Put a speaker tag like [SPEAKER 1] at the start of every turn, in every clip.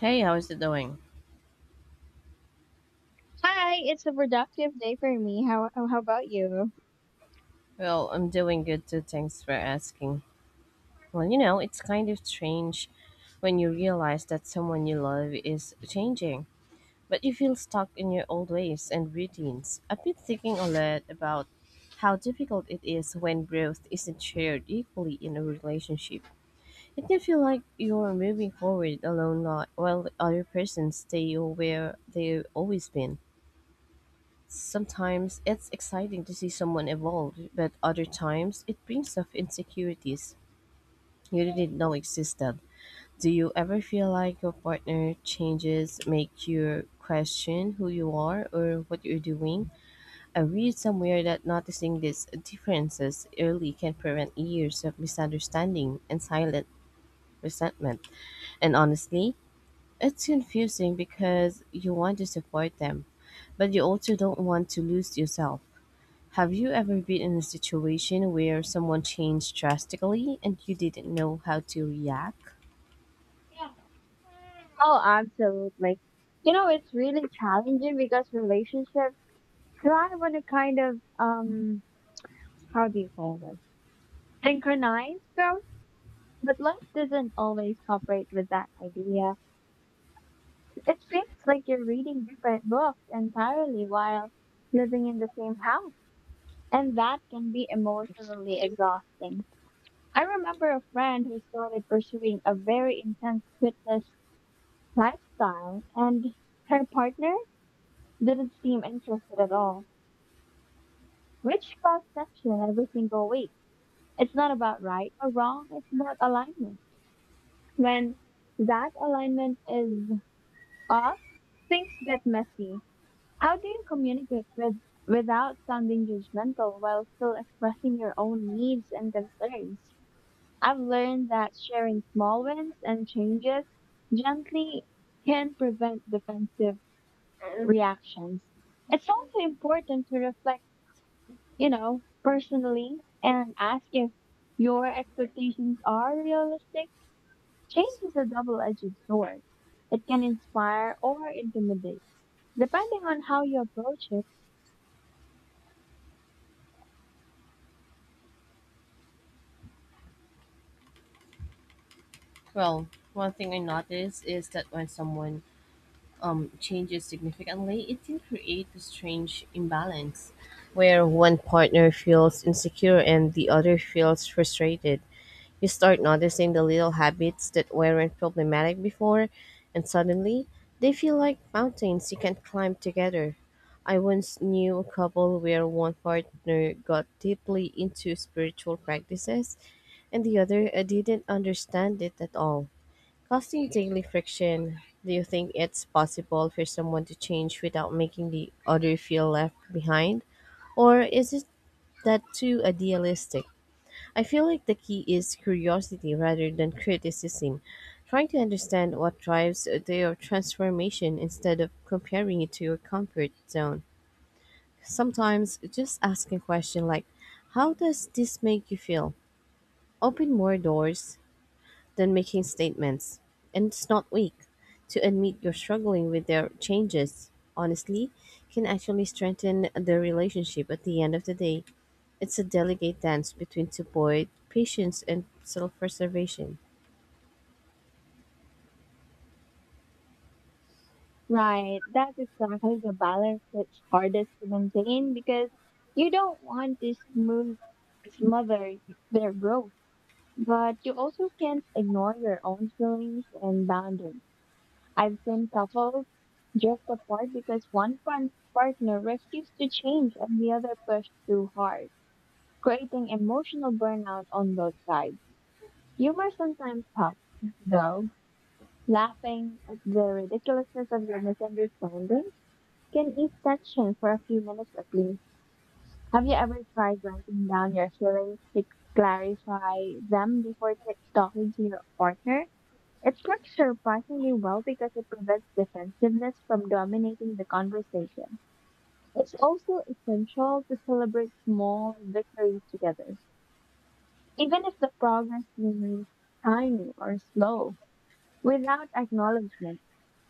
[SPEAKER 1] Hey, how's it doing?
[SPEAKER 2] Hi, it's a productive day for me. How about you?
[SPEAKER 1] Well, I'm doing good too. Thanks for asking. Well, you know, it's kind of strange when you realize that someone you love is changing, but you feel stuck in your old ways and routines. I've been thinking a lot about how difficult it is when growth isn't shared equally in a relationship. It can feel like you're moving forward while the other person stay where they've always been. Sometimes it's exciting to see someone evolve, but other times it brings up insecurities you didn't know existed. Do you ever feel like your partner changes make you question who you are or what you're doing? I read somewhere that noticing these differences early can prevent years of misunderstanding and silent resentment. And honestly, it's confusing because you want to support them, but you also don't want to lose yourself. Have you ever been in a situation where someone changed drastically and you didn't know how to react?
[SPEAKER 2] Oh, absolutely. You know, it's really challenging because relationships thrive on a kind of how do you call this? Synchronized growth. But life doesn't always cooperate with that idea. It seems like you're reading different books entirely while living in the same house. And that can be emotionally exhausting. I remember a friend who started pursuing a very intense fitness lifestyle, and her partner didn't seem interested at all, which caused tension every single week. It's not about right or wrong, it's about alignment. When that alignment is off, things get messy. How do you communicate with without sounding judgmental while still expressing your own needs and concerns? I've learned that sharing small wins and changes gently can prevent defensive reactions. It's also important to reflect, you know, personally and ask if your expectations are realistic. Change is a double-edged sword. It can inspire or intimidate, depending on how you approach it.
[SPEAKER 1] Well, one thing I noticed is that when someone changes significantly, it can create a strange imbalance where one partner feels insecure and the other feels frustrated. You start noticing the little habits that weren't problematic before, and suddenly they feel like mountains you can climb together. I once knew a couple where one partner got deeply into spiritual practices and the other didn't understand it at all, causing daily friction. Do you think it's possible for someone to change without making the other feel left behind? Or is it that too idealistic? I feel like the key is curiosity rather than criticism, trying to understand what drives their transformation instead of comparing it to your comfort zone. Sometimes just asking a question like, "How does this make you feel?" open more doors than making statements, and it's not weak. To admit you're struggling with their changes honestly can actually strengthen the relationship at the end of the day. It's a delicate dance between support, patience, and self preservation.
[SPEAKER 2] Right, that's exactly the balance that's hardest to maintain because you don't want to smooth smother their growth, but you also can't ignore your own feelings and boundaries. I've seen couples drift apart because partner refused to change and the other pushed too hard, creating emotional burnout on both sides. Humor sometimes helps, though. Laughing at the ridiculousness of the misunderstanding can ease tension for a few minutes at least. Have you ever tried writing down your feelings to clarify them before talking to your partner? It works surprisingly well because it prevents defensiveness from dominating the conversation. It's also essential to celebrate small victories together, even if the progress seems tiny or slow. Without acknowledgement,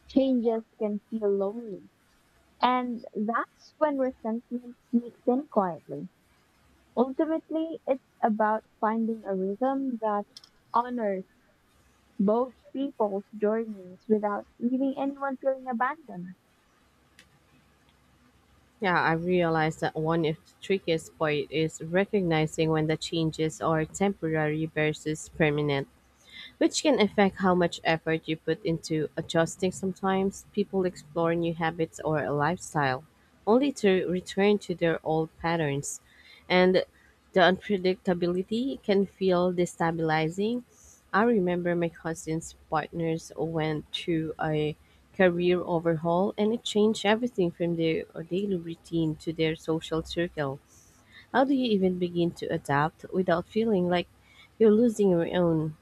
[SPEAKER 2] changes can feel lonely, and that's when resentment sneaks in quietly. Ultimately, it's about finding a rhythm that honors both people's journeys without leaving anyone feeling abandoned.
[SPEAKER 1] Yeah, I realized that one of the trickiest part is recognizing when the changes are temporary versus permanent, which can affect how much effort you put into adjusting. Sometimes people explore new habits or a lifestyle only to return to their old patterns, and the unpredictability can feel destabilizing. I remember my cousin's partners went through a career overhaul and it changed everything from their daily routine to their social circle. How do you even begin to adapt without feeling like you're losing your own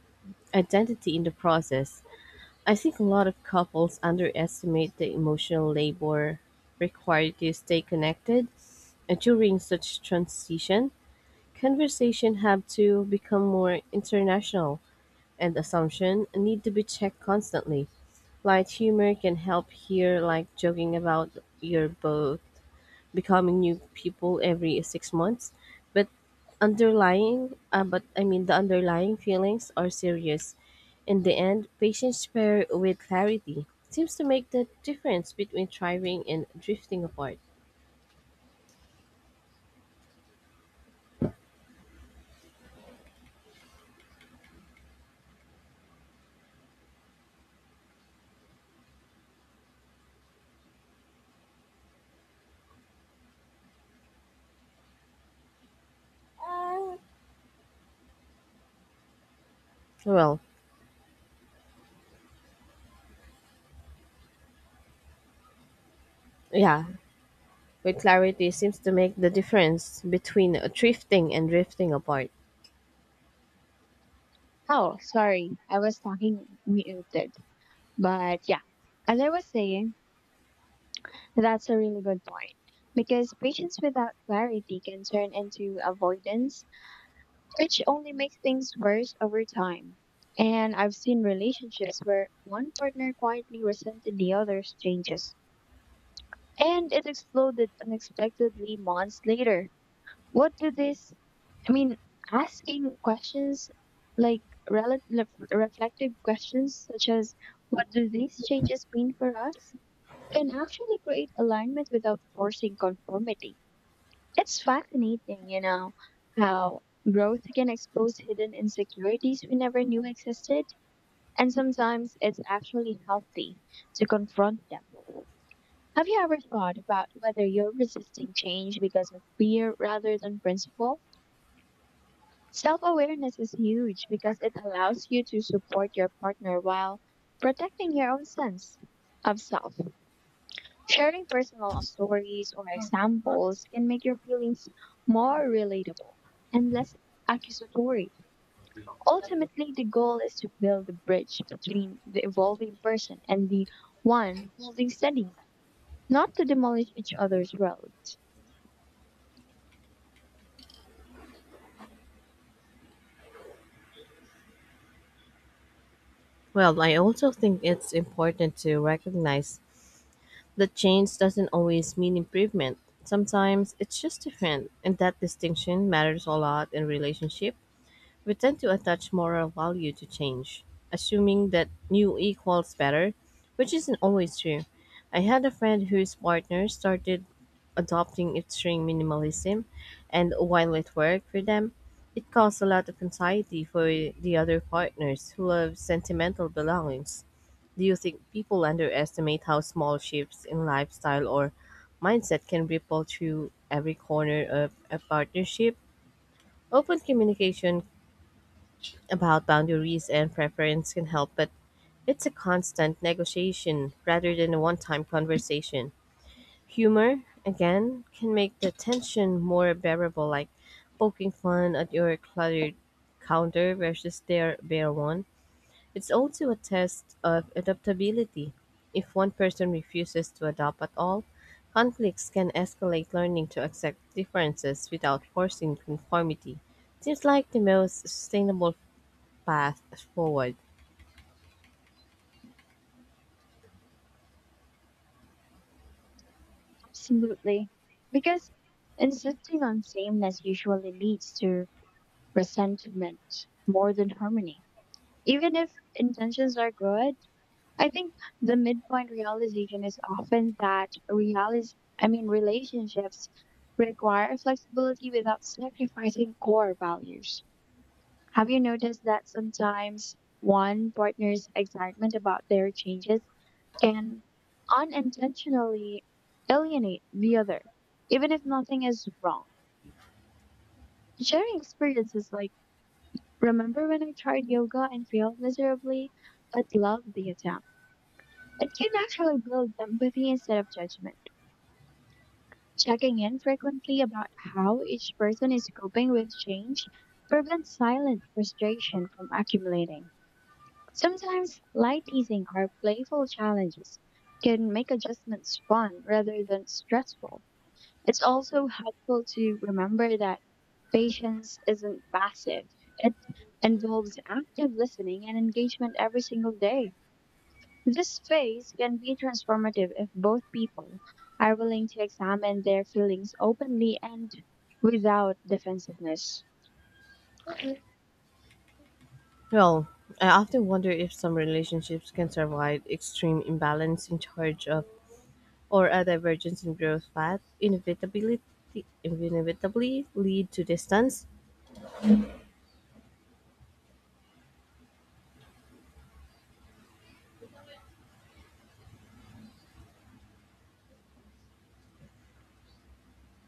[SPEAKER 1] identity in the process? I think a lot of couples underestimate the emotional labor required to stay connected and during such transition. Conversation have to become more international and assumption need to be checked constantly. Light humor can help here, like joking about your both becoming new people every 6 months, but underlying but I mean the underlying feelings are serious. In the end, patience paired with clarity seems to make the difference between thriving and drifting apart. well yeah with clarity seems to make the difference between drifting and drifting apart.
[SPEAKER 2] Oh, sorry. I was talking muted. But yeah, as I was saying, that's a really good point. Because patience without clarity can turn into avoidance, which only makes things worse over time. And I've seen relationships where one partner quietly resented the other's changes, and it exploded unexpectedly months later. What do these I mean, asking questions like rel- reflective questions such as what do these changes mean for us can actually create alignment without forcing conformity. It's fascinating, you know, how growth can expose hidden insecurities we never knew existed, and sometimes it's actually healthy to confront them. Have you ever thought about whether you're resisting change because of fear rather than principle? Self awareness is huge because it allows you to support your partner while protecting your own sense of self. Sharing personal stories or examples can make your feelings more relatable and less accusatory. Ultimately, the goal is to build a bridge between the evolving person and the one holding steady, not to demolish each other's worlds.
[SPEAKER 1] Well, I also think it's important to recognize that change doesn't always mean improvement. Sometimes it's just different, and that distinction matters a lot in relationship. We tend to attach moral value to change, assuming that new equals better, which isn't always true. I had a friend whose partner started adopting extreme minimalism, and while it worked for them, it caused a lot of anxiety for the other partners who love sentimental belongings. Do you think people underestimate how small shifts in lifestyle or mindset can ripple through every corner of a partnership? Open communication about boundaries and preference can help, but it's a constant negotiation rather than a one time conversation. Humor, again, can make the tension more bearable, like poking fun at your cluttered counter versus their bare one. It's also a test of adaptability. If one person refuses to adapt at all, conflicts can escalate learning to accept differences without forcing conformity. Seems like the most sustainable path forward.
[SPEAKER 2] Absolutely. Because insisting on sameness usually leads to resentment more than harmony. Even if intentions are good, I think the midpoint realization is often that realis I mean relationships require flexibility without sacrificing core values. Have you noticed that sometimes one partner's excitement about their changes can unintentionally alienate the other, even if nothing is wrong? Sharing experiences like, Remember when I tried yoga and failed miserably, but loved the attempt? It can actually build empathy instead of judgment. Checking in frequently about how each person is coping with change prevents silent frustration from accumulating. Sometimes light teasing or playful challenges can make adjustments fun rather than stressful. It's also helpful to remember that patience isn't passive. It involves active listening and engagement every single day. This phase can be transformative if both people are willing to examine their feelings openly and without defensiveness. Mhm.
[SPEAKER 1] Well, I often wonder if some relationships can survive extreme imbalance in charge of or a divergence in growth path inevitably lead to distance.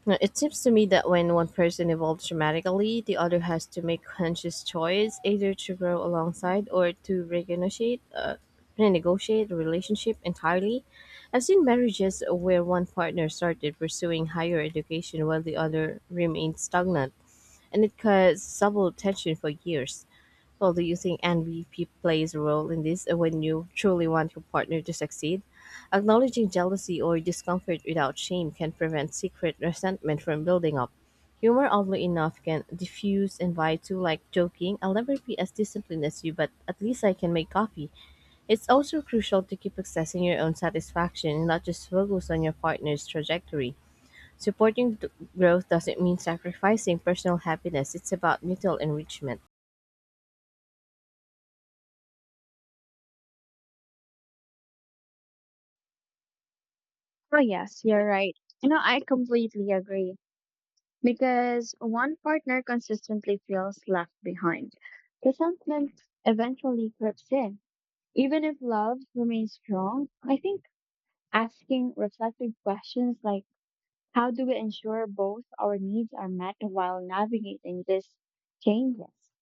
[SPEAKER 1] Now, it seems to me that when one person evolves dramatically, the other has to make conscious choice either to grow alongside or to renegotiate the relationship entirely. I've seen marriages where one partner started pursuing higher education while the other remained stagnant and it caused several attention for years. Well, do you think NVP plays a role in this when you truly want your partner to succeed? Acknowledging jealousy or discomfort without shame can prevent secret resentment from building up. Humor, oddly enough, can diffuse invite to like joking. I'll never be as disciplined as you, but at least I can make coffee. It's also crucial to keep accessing your own satisfaction and not just focus on your partner's trajectory. Supporting growth doesn't mean sacrificing personal happiness. It's about mutual enrichment.
[SPEAKER 2] Oh, yes, you're right. You know, I completely agree because one partner consistently feels left behind. Resentment eventually creeps in. Even if love remains strong, I think asking reflective questions like, how do we ensure both our needs are met while navigating these changes?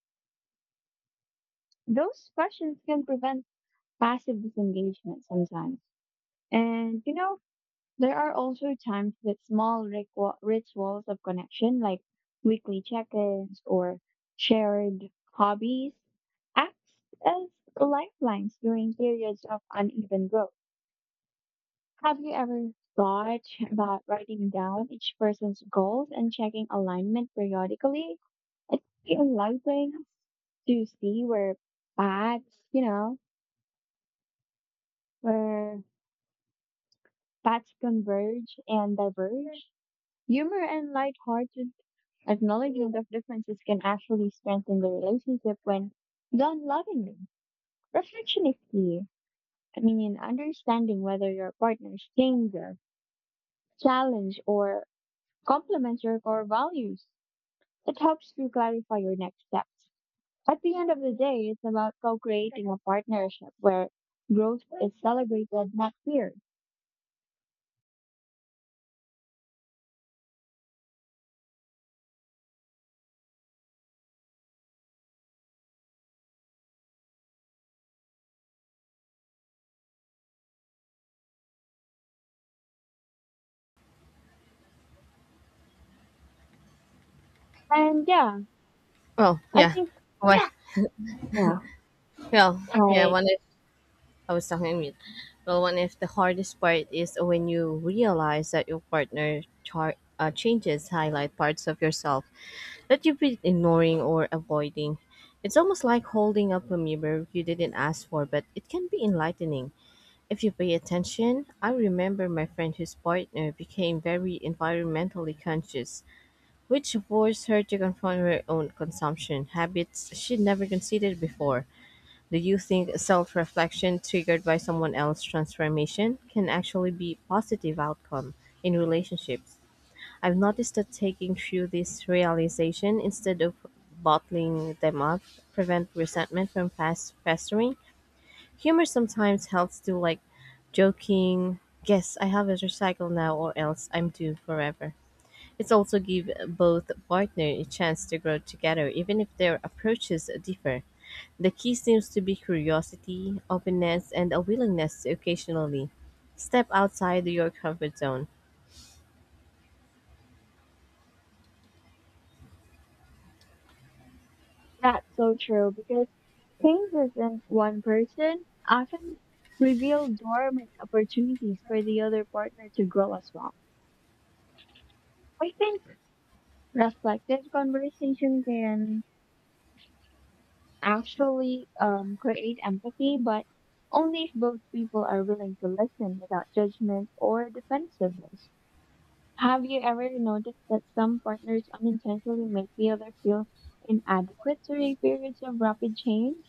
[SPEAKER 2] Those questions can prevent passive disengagement sometimes. And you know, there are also times that small rituals of connection, like weekly check ins or shared hobbies, act as lifelines during periods of uneven growth. Have you ever thought about writing down each person's goals and checking alignment periodically? It's enlightening to see where paths, you know, where paths converge and diverge. Humor and lighthearted acknowledgement of differences can actually strengthen the relationship when done lovingly. Reflection is key. I mean, understanding whether your partner's changes, challenge, or complements your core values, it helps to clarify your next steps. At the end of the day, it's about co creating a partnership where growth is celebrated, not feared. And yeah,
[SPEAKER 1] Well,
[SPEAKER 2] I
[SPEAKER 1] yeah.
[SPEAKER 2] think,
[SPEAKER 1] One,
[SPEAKER 2] yeah,
[SPEAKER 1] well, yeah.
[SPEAKER 2] like
[SPEAKER 1] One if I was talking mute. Well, one if the hardest part is when you realize that your partner changes highlight parts of yourself that you've been ignoring or avoiding. It's almost like holding up a mirror you didn't ask for, but it can be enlightening. If you pay attention, I remember my friend whose partner became very environmentally conscious, which forced her to confront her own consumption habits she'd never considered before. Do you think self reflection triggered by someone else's transformation can actually be positive outcome in relationships? I've noticed that taking through this realization instead of bottling them up prevent resentment from fast festering. Humor sometimes helps to like joking, guess I have a recycle now or else I'm doomed forever. It's also give both partners a chance to grow together even if their approaches differ. The key seems to be curiosity, openness, and a willingness to occasionally step outside your comfort zone.
[SPEAKER 2] that's so true because changes in one person often reveal dormant opportunities for the other partner to grow as well. I think reflective conversation can actually create empathy, but only if both people are willing to listen without judgment or defensiveness. Have you ever noticed that some partners unintentionally make the other feel inadequate during periods of rapid change?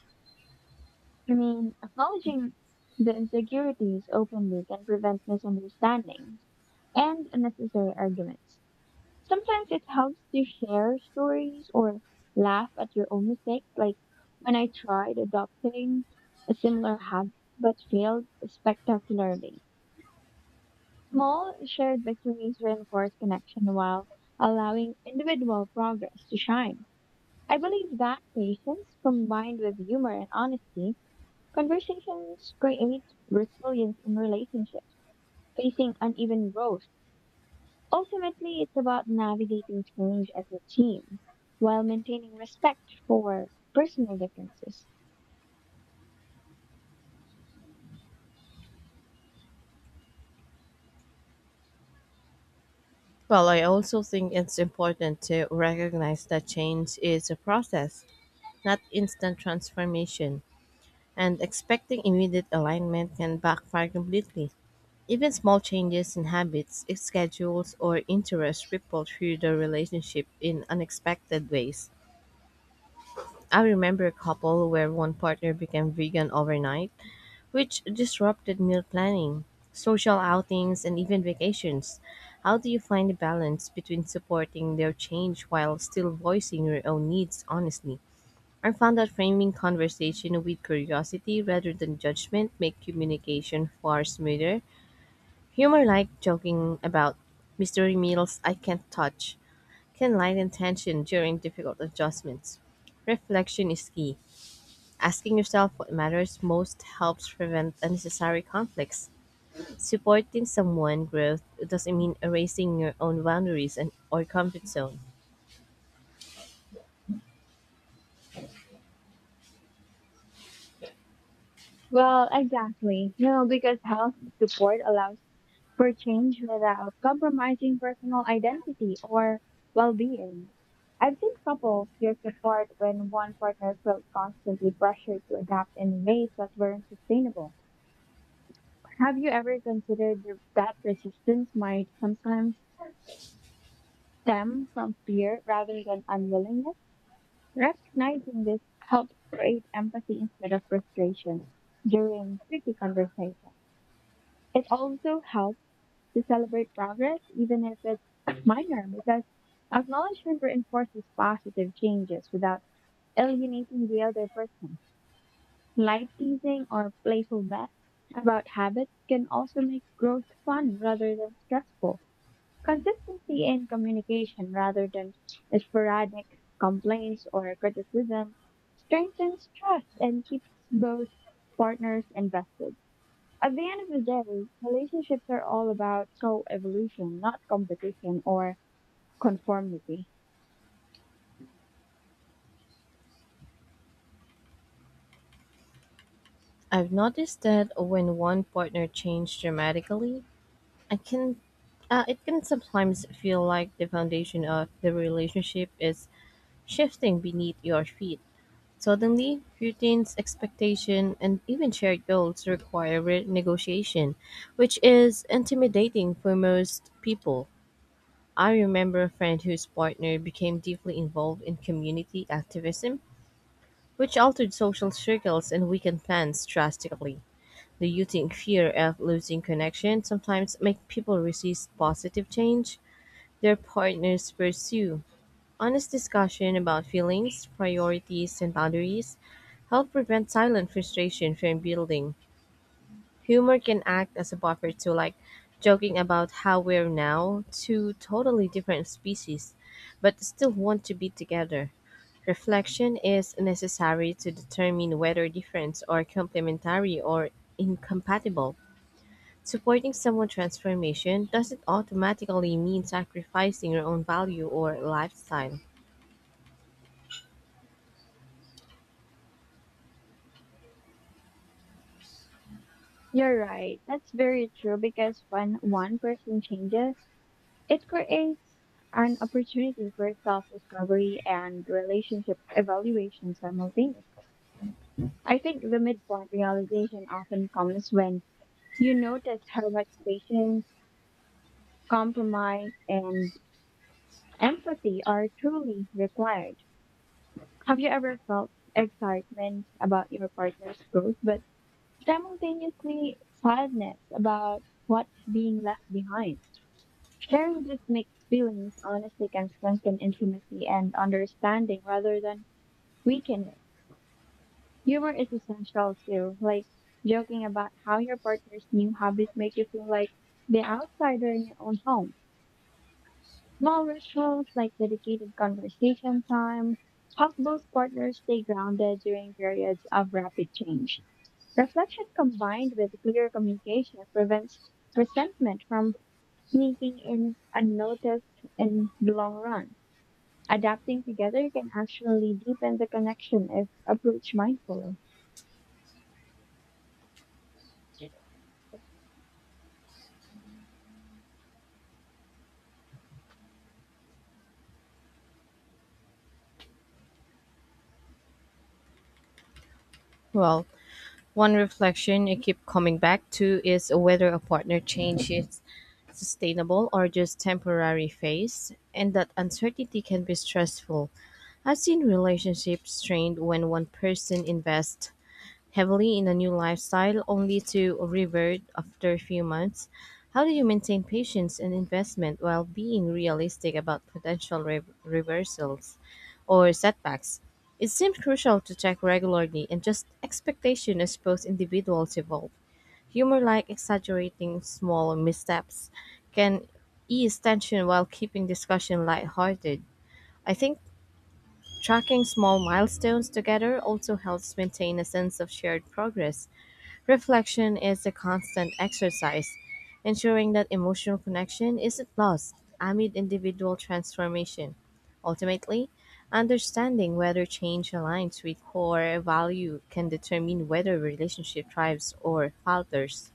[SPEAKER 2] I mean, acknowledging the insecurities openly can prevent misunderstandings and unnecessary arguments. Sometimes it helps to share stories or laugh at your own mistakes. Like when I tried adopting a similar habit but failed spectacularly. Small shared victories reinforce connection while allowing individual progress to shine. I believe that patience combined with humor and honesty, conversations create resilience in relationships, facing uneven growth. Ultimately, it's about navigating change as a team while maintaining respect for personal differences.
[SPEAKER 1] Well, I also think it's important to recognize that change is a process, not instant transformation, and expecting immediate alignment can backfire completely. Even small changes in habits, schedules, or interests ripple through the relationship in unexpected ways. I remember a couple where one partner became vegan overnight, which disrupted meal planning, social outings, and even vacations. How do you find the balance between supporting their change while still voicing your own needs honestly? I found that framing conversation with curiosity rather than judgment make communication far smoother. Humor like joking about mystery meals I can't touch can lighten tension during difficult adjustments. Reflection is key. Asking yourself what matters most helps prevent unnecessary conflicts. Supporting someone growth doesn't mean erasing your own boundaries and or comfort zone.
[SPEAKER 2] Well, exactly. No, because health support allows for change without compromising personal identity or well being. I've seen couples drift apart when one partner felt constantly pressured to adapt in ways that weren't sustainable. Have you ever considered that resistance might sometimes stem from fear rather than unwillingness? Recognizing this helps create empathy instead of frustration during tricky conversations. It also helps to celebrate progress, even if it's minor, because acknowledgement reinforces positive changes without alienating the other person. Light teasing or playful bets about habits can also make growth fun rather than stressful. Consistency in communication rather than sporadic complaints or criticism strengthens trust and keeps both partners invested. At the end of the day, relationships are all about co evolution, not competition or conformity.
[SPEAKER 1] I've noticed that when one partner changed dramatically, I can it can sometimes feel like the foundation of the relationship is shifting beneath your feet. Suddenly, routines, expectation, and even shared goals require negotiation, which is intimidating for most people. I remember a friend whose partner became deeply involved in community activism, which altered social circles and weakened plans drastically. The rooting fear of losing connection sometimes make people resist positive change their partners pursue honest discussion about feelings, priorities, and boundaries, help prevent silent frustration from building. Humor can act as a buffer to like joking about how we're now two totally different species, but still want to be together. Reflection is necessary to determine whether difference are complementary or incompatible. Supporting someone's transformation doesn't automatically mean sacrificing your own value or lifestyle.
[SPEAKER 2] You're right. That's very true because when one person changes, it creates an opportunity for self discovery and relationship evaluation simultaneously. I think the midpoint realization often comes when you notice how much patience, compromise, and empathy are truly required. Have you ever felt excitement about your partner's growth, but simultaneously sadness about what's being left behind? Sharing these mixed feelings honestly can strengthen intimacy and understanding rather than weaken it. Humor is essential too, like joking about how your partner's new habits make you feel like the outsider in your own home. Small rituals like dedicated conversation time help both partners stay grounded during periods of rapid change. Reflection combined with clear communication prevents resentment from sneaking in unnoticed in the long run. Adapting together can actually deepen the connection if approached mindfully.
[SPEAKER 1] Well, one reflection I keep coming back to is whether a partner change is sustainable or just temporary phase, and that uncertainty can be stressful. I've seen relationships strained when one person invests heavily in a new lifestyle only to revert after a few months. How do you maintain patience and investment while being realistic about potential reversals or setbacks? It seems crucial to check regularly and just expectation as both individuals evolve. Humor like exaggerating small missteps can ease tension while keeping discussion lighthearted. I think tracking small milestones together also helps maintain a sense of shared progress. Reflection is a constant exercise, ensuring that emotional connection isn't lost amid individual transformation. Ultimately, understanding whether change aligns with core value can determine whether a relationship thrives or falters.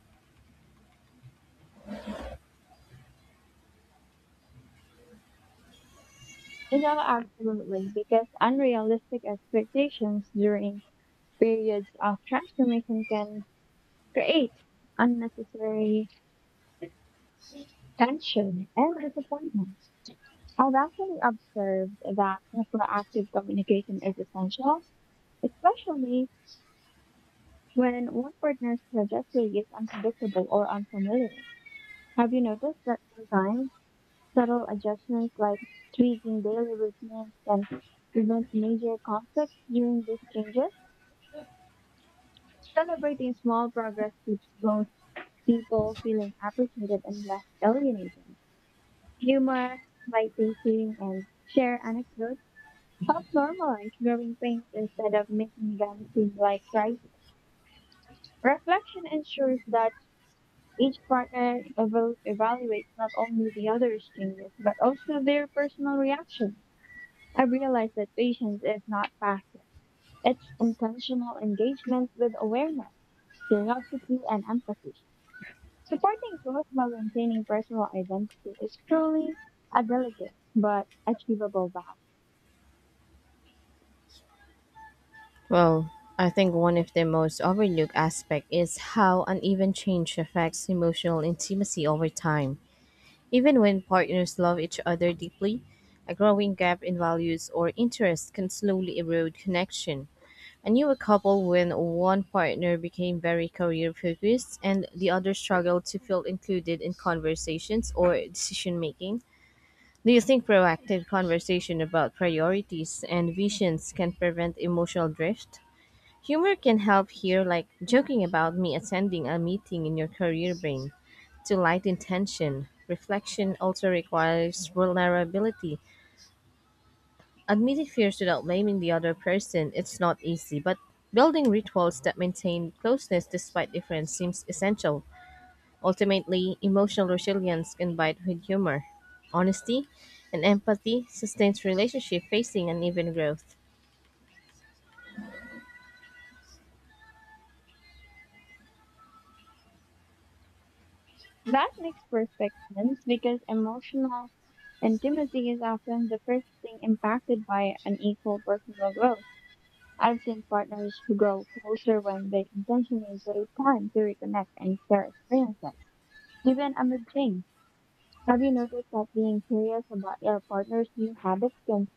[SPEAKER 2] You know, absolutely, because unrealistic expectations during periods of transformation can create unnecessary tension and disappointment. I've actually observed that proactive communication is essential, especially when one partner's trajectory is unpredictable or unfamiliar. Have you noticed that sometimes subtle adjustments like tweaking daily routines can prevent major conflicts during these changes? Celebrating small progress keeps both people feeling appreciated and less alienated. Humor, light-teasing, and share anecdotes help normalize growing pains instead of making them seem like crises. Reflection ensures that each partner evaluates not only the other's changes, but also their personal reaction. I realize that patience is not passive. It's intentional engagement with awareness, curiosity, and empathy. Supporting growth while maintaining personal identity is truly a delicate but achievable balance.
[SPEAKER 1] Well, I think one of the most overlooked aspects is how uneven change affects emotional intimacy over time. Even when partners love each other deeply, a growing gap in values or interests can slowly erode connection. I knew a couple when one partner became very career focused and the other struggled to feel included in conversations or decision making. Do you think proactive conversation about priorities and visions can prevent emotional drift? Humor can help here, like joking about me attending a meeting in your career brain. To light intention, reflection also requires vulnerability. Admitting fears without blaming the other person, it's not easy, but building rituals that maintain closeness despite difference seems essential. Ultimately, emotional resilience can bite with humor. Honesty and empathy sustains relationship facing uneven growth.
[SPEAKER 2] That makes perfect sense because emotional intimacy is often the first thing impacted by unequal personal growth. I've seen partners who grow closer when they intentionally take time to reconnect and share experiences, even amid change. Have you noticed that being curious about your partner's new habits can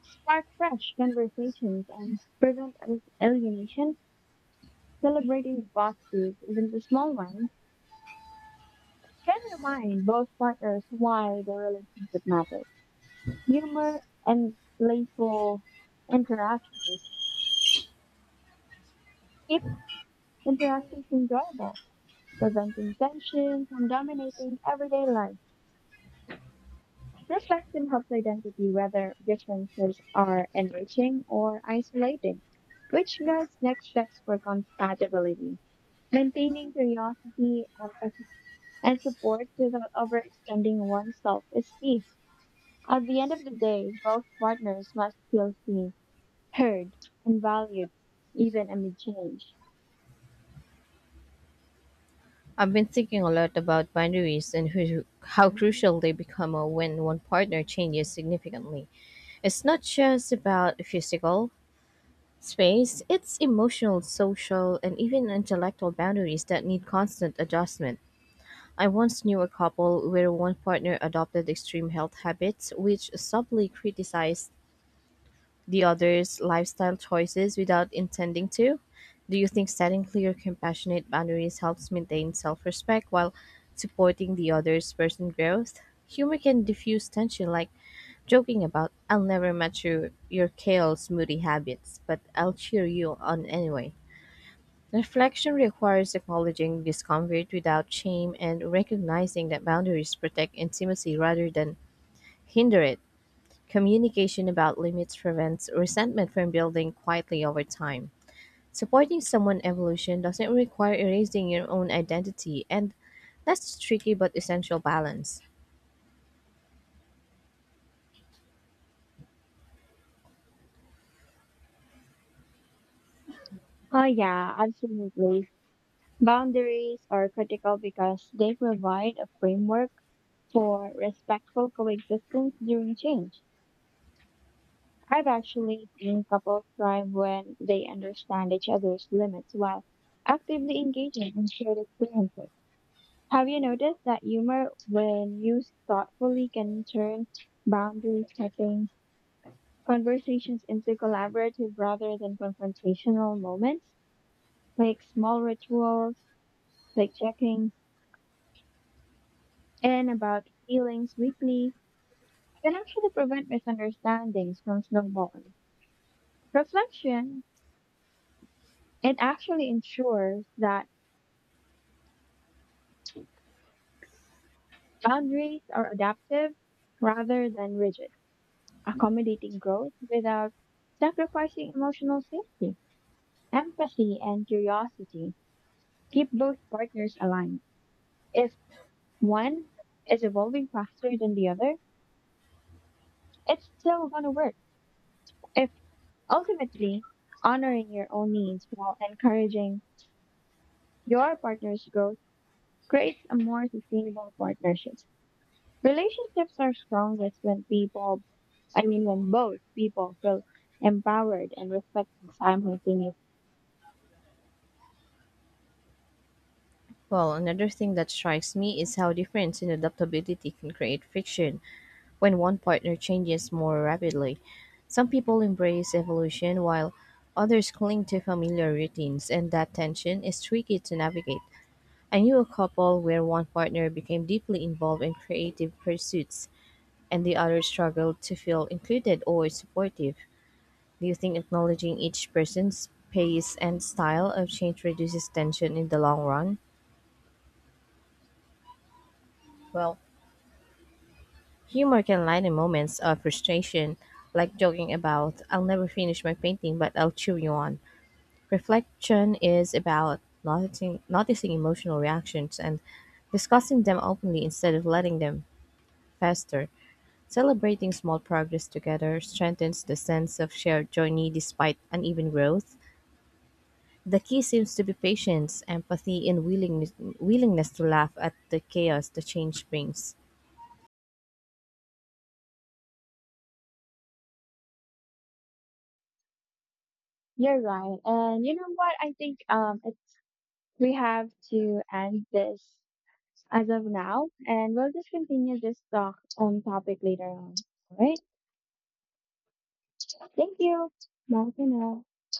[SPEAKER 2] spark fresh conversations and prevent alienation? Celebrating positives, even the small ones, can remind both partners why the relationship matters. Humor and playful interactions keep interactions enjoyable, preventing tension from dominating everyday life. This lesson helps identity whether differences are enriching or isolating, which guides next steps for compatibility. Maintaining curiosity, empathy, and support without overextending oneself is key. At the end of the day, both partners must feel seen, heard, and valued, even amid change.
[SPEAKER 1] I've been thinking a lot about boundaries and who, how crucial they become when one partner changes significantly. It's not just about physical space, it's emotional, social, and even intellectual boundaries that need constant adjustment. I once knew a couple where one partner adopted extreme health habits, which subtly criticized the other's lifestyle choices without intending to. Do you think setting clear, compassionate boundaries helps maintain self respect while supporting the other's personal growth? Humor can diffuse tension, like joking about, I'll never match your kale smoothie habits, but I'll cheer you on anyway. Reflection requires acknowledging discomfort without shame and recognizing that boundaries protect intimacy rather than hinder it. Communication about limits prevents resentment from building quietly over time. Supporting someone's evolution doesn't require erasing your own identity, and that's tricky but essential balance.
[SPEAKER 2] Oh, yeah, absolutely. Boundaries are critical because they provide a framework for respectful coexistence during change. I've actually seen couples thrive when they understand each other's limits while actively engaging in shared experiences. Have you noticed that humor, when used thoughtfully, can turn boundary setting conversations into collaborative rather than confrontational moments, like small rituals, like checking in about feelings weekly, can actually prevent misunderstandings from snowballing. Reflection, it actually ensures that boundaries are adaptive rather than rigid, accommodating growth without sacrificing emotional safety. Empathy and curiosity keep both partners aligned. If one is evolving faster than the other, it's still going to work. If ultimately honoring your own needs while encouraging your partner's growth creates a more sustainable partnership. Relationships are strongest when I mean, when both people feel empowered and respected simultaneously.
[SPEAKER 1] Well, another thing that strikes me is how difference in adaptability can create friction. When one partner changes more rapidly, some people embrace evolution while others cling to familiar routines, and that tension is tricky to navigate. I knew a couple where one partner became deeply involved in creative pursuits and the other struggled to feel included or supportive. Do you think acknowledging each person's pace and style of change reduces tension in the long run? Well, humor can lighten moments of frustration, like joking about, I'll never finish my painting, but I'll cheer you on. Reflection is about noticing emotional reactions and discussing them openly instead of letting them fester. Celebrating small progress together strengthens the sense of shared journey despite uneven growth. The key seems to be patience, empathy, and willingness to laugh at the chaos the change brings.
[SPEAKER 2] You're right. And you know what? I think it's, we have to end this as of now, and we'll just continue this talk on topic later on. All right. Thank you. Bye for now.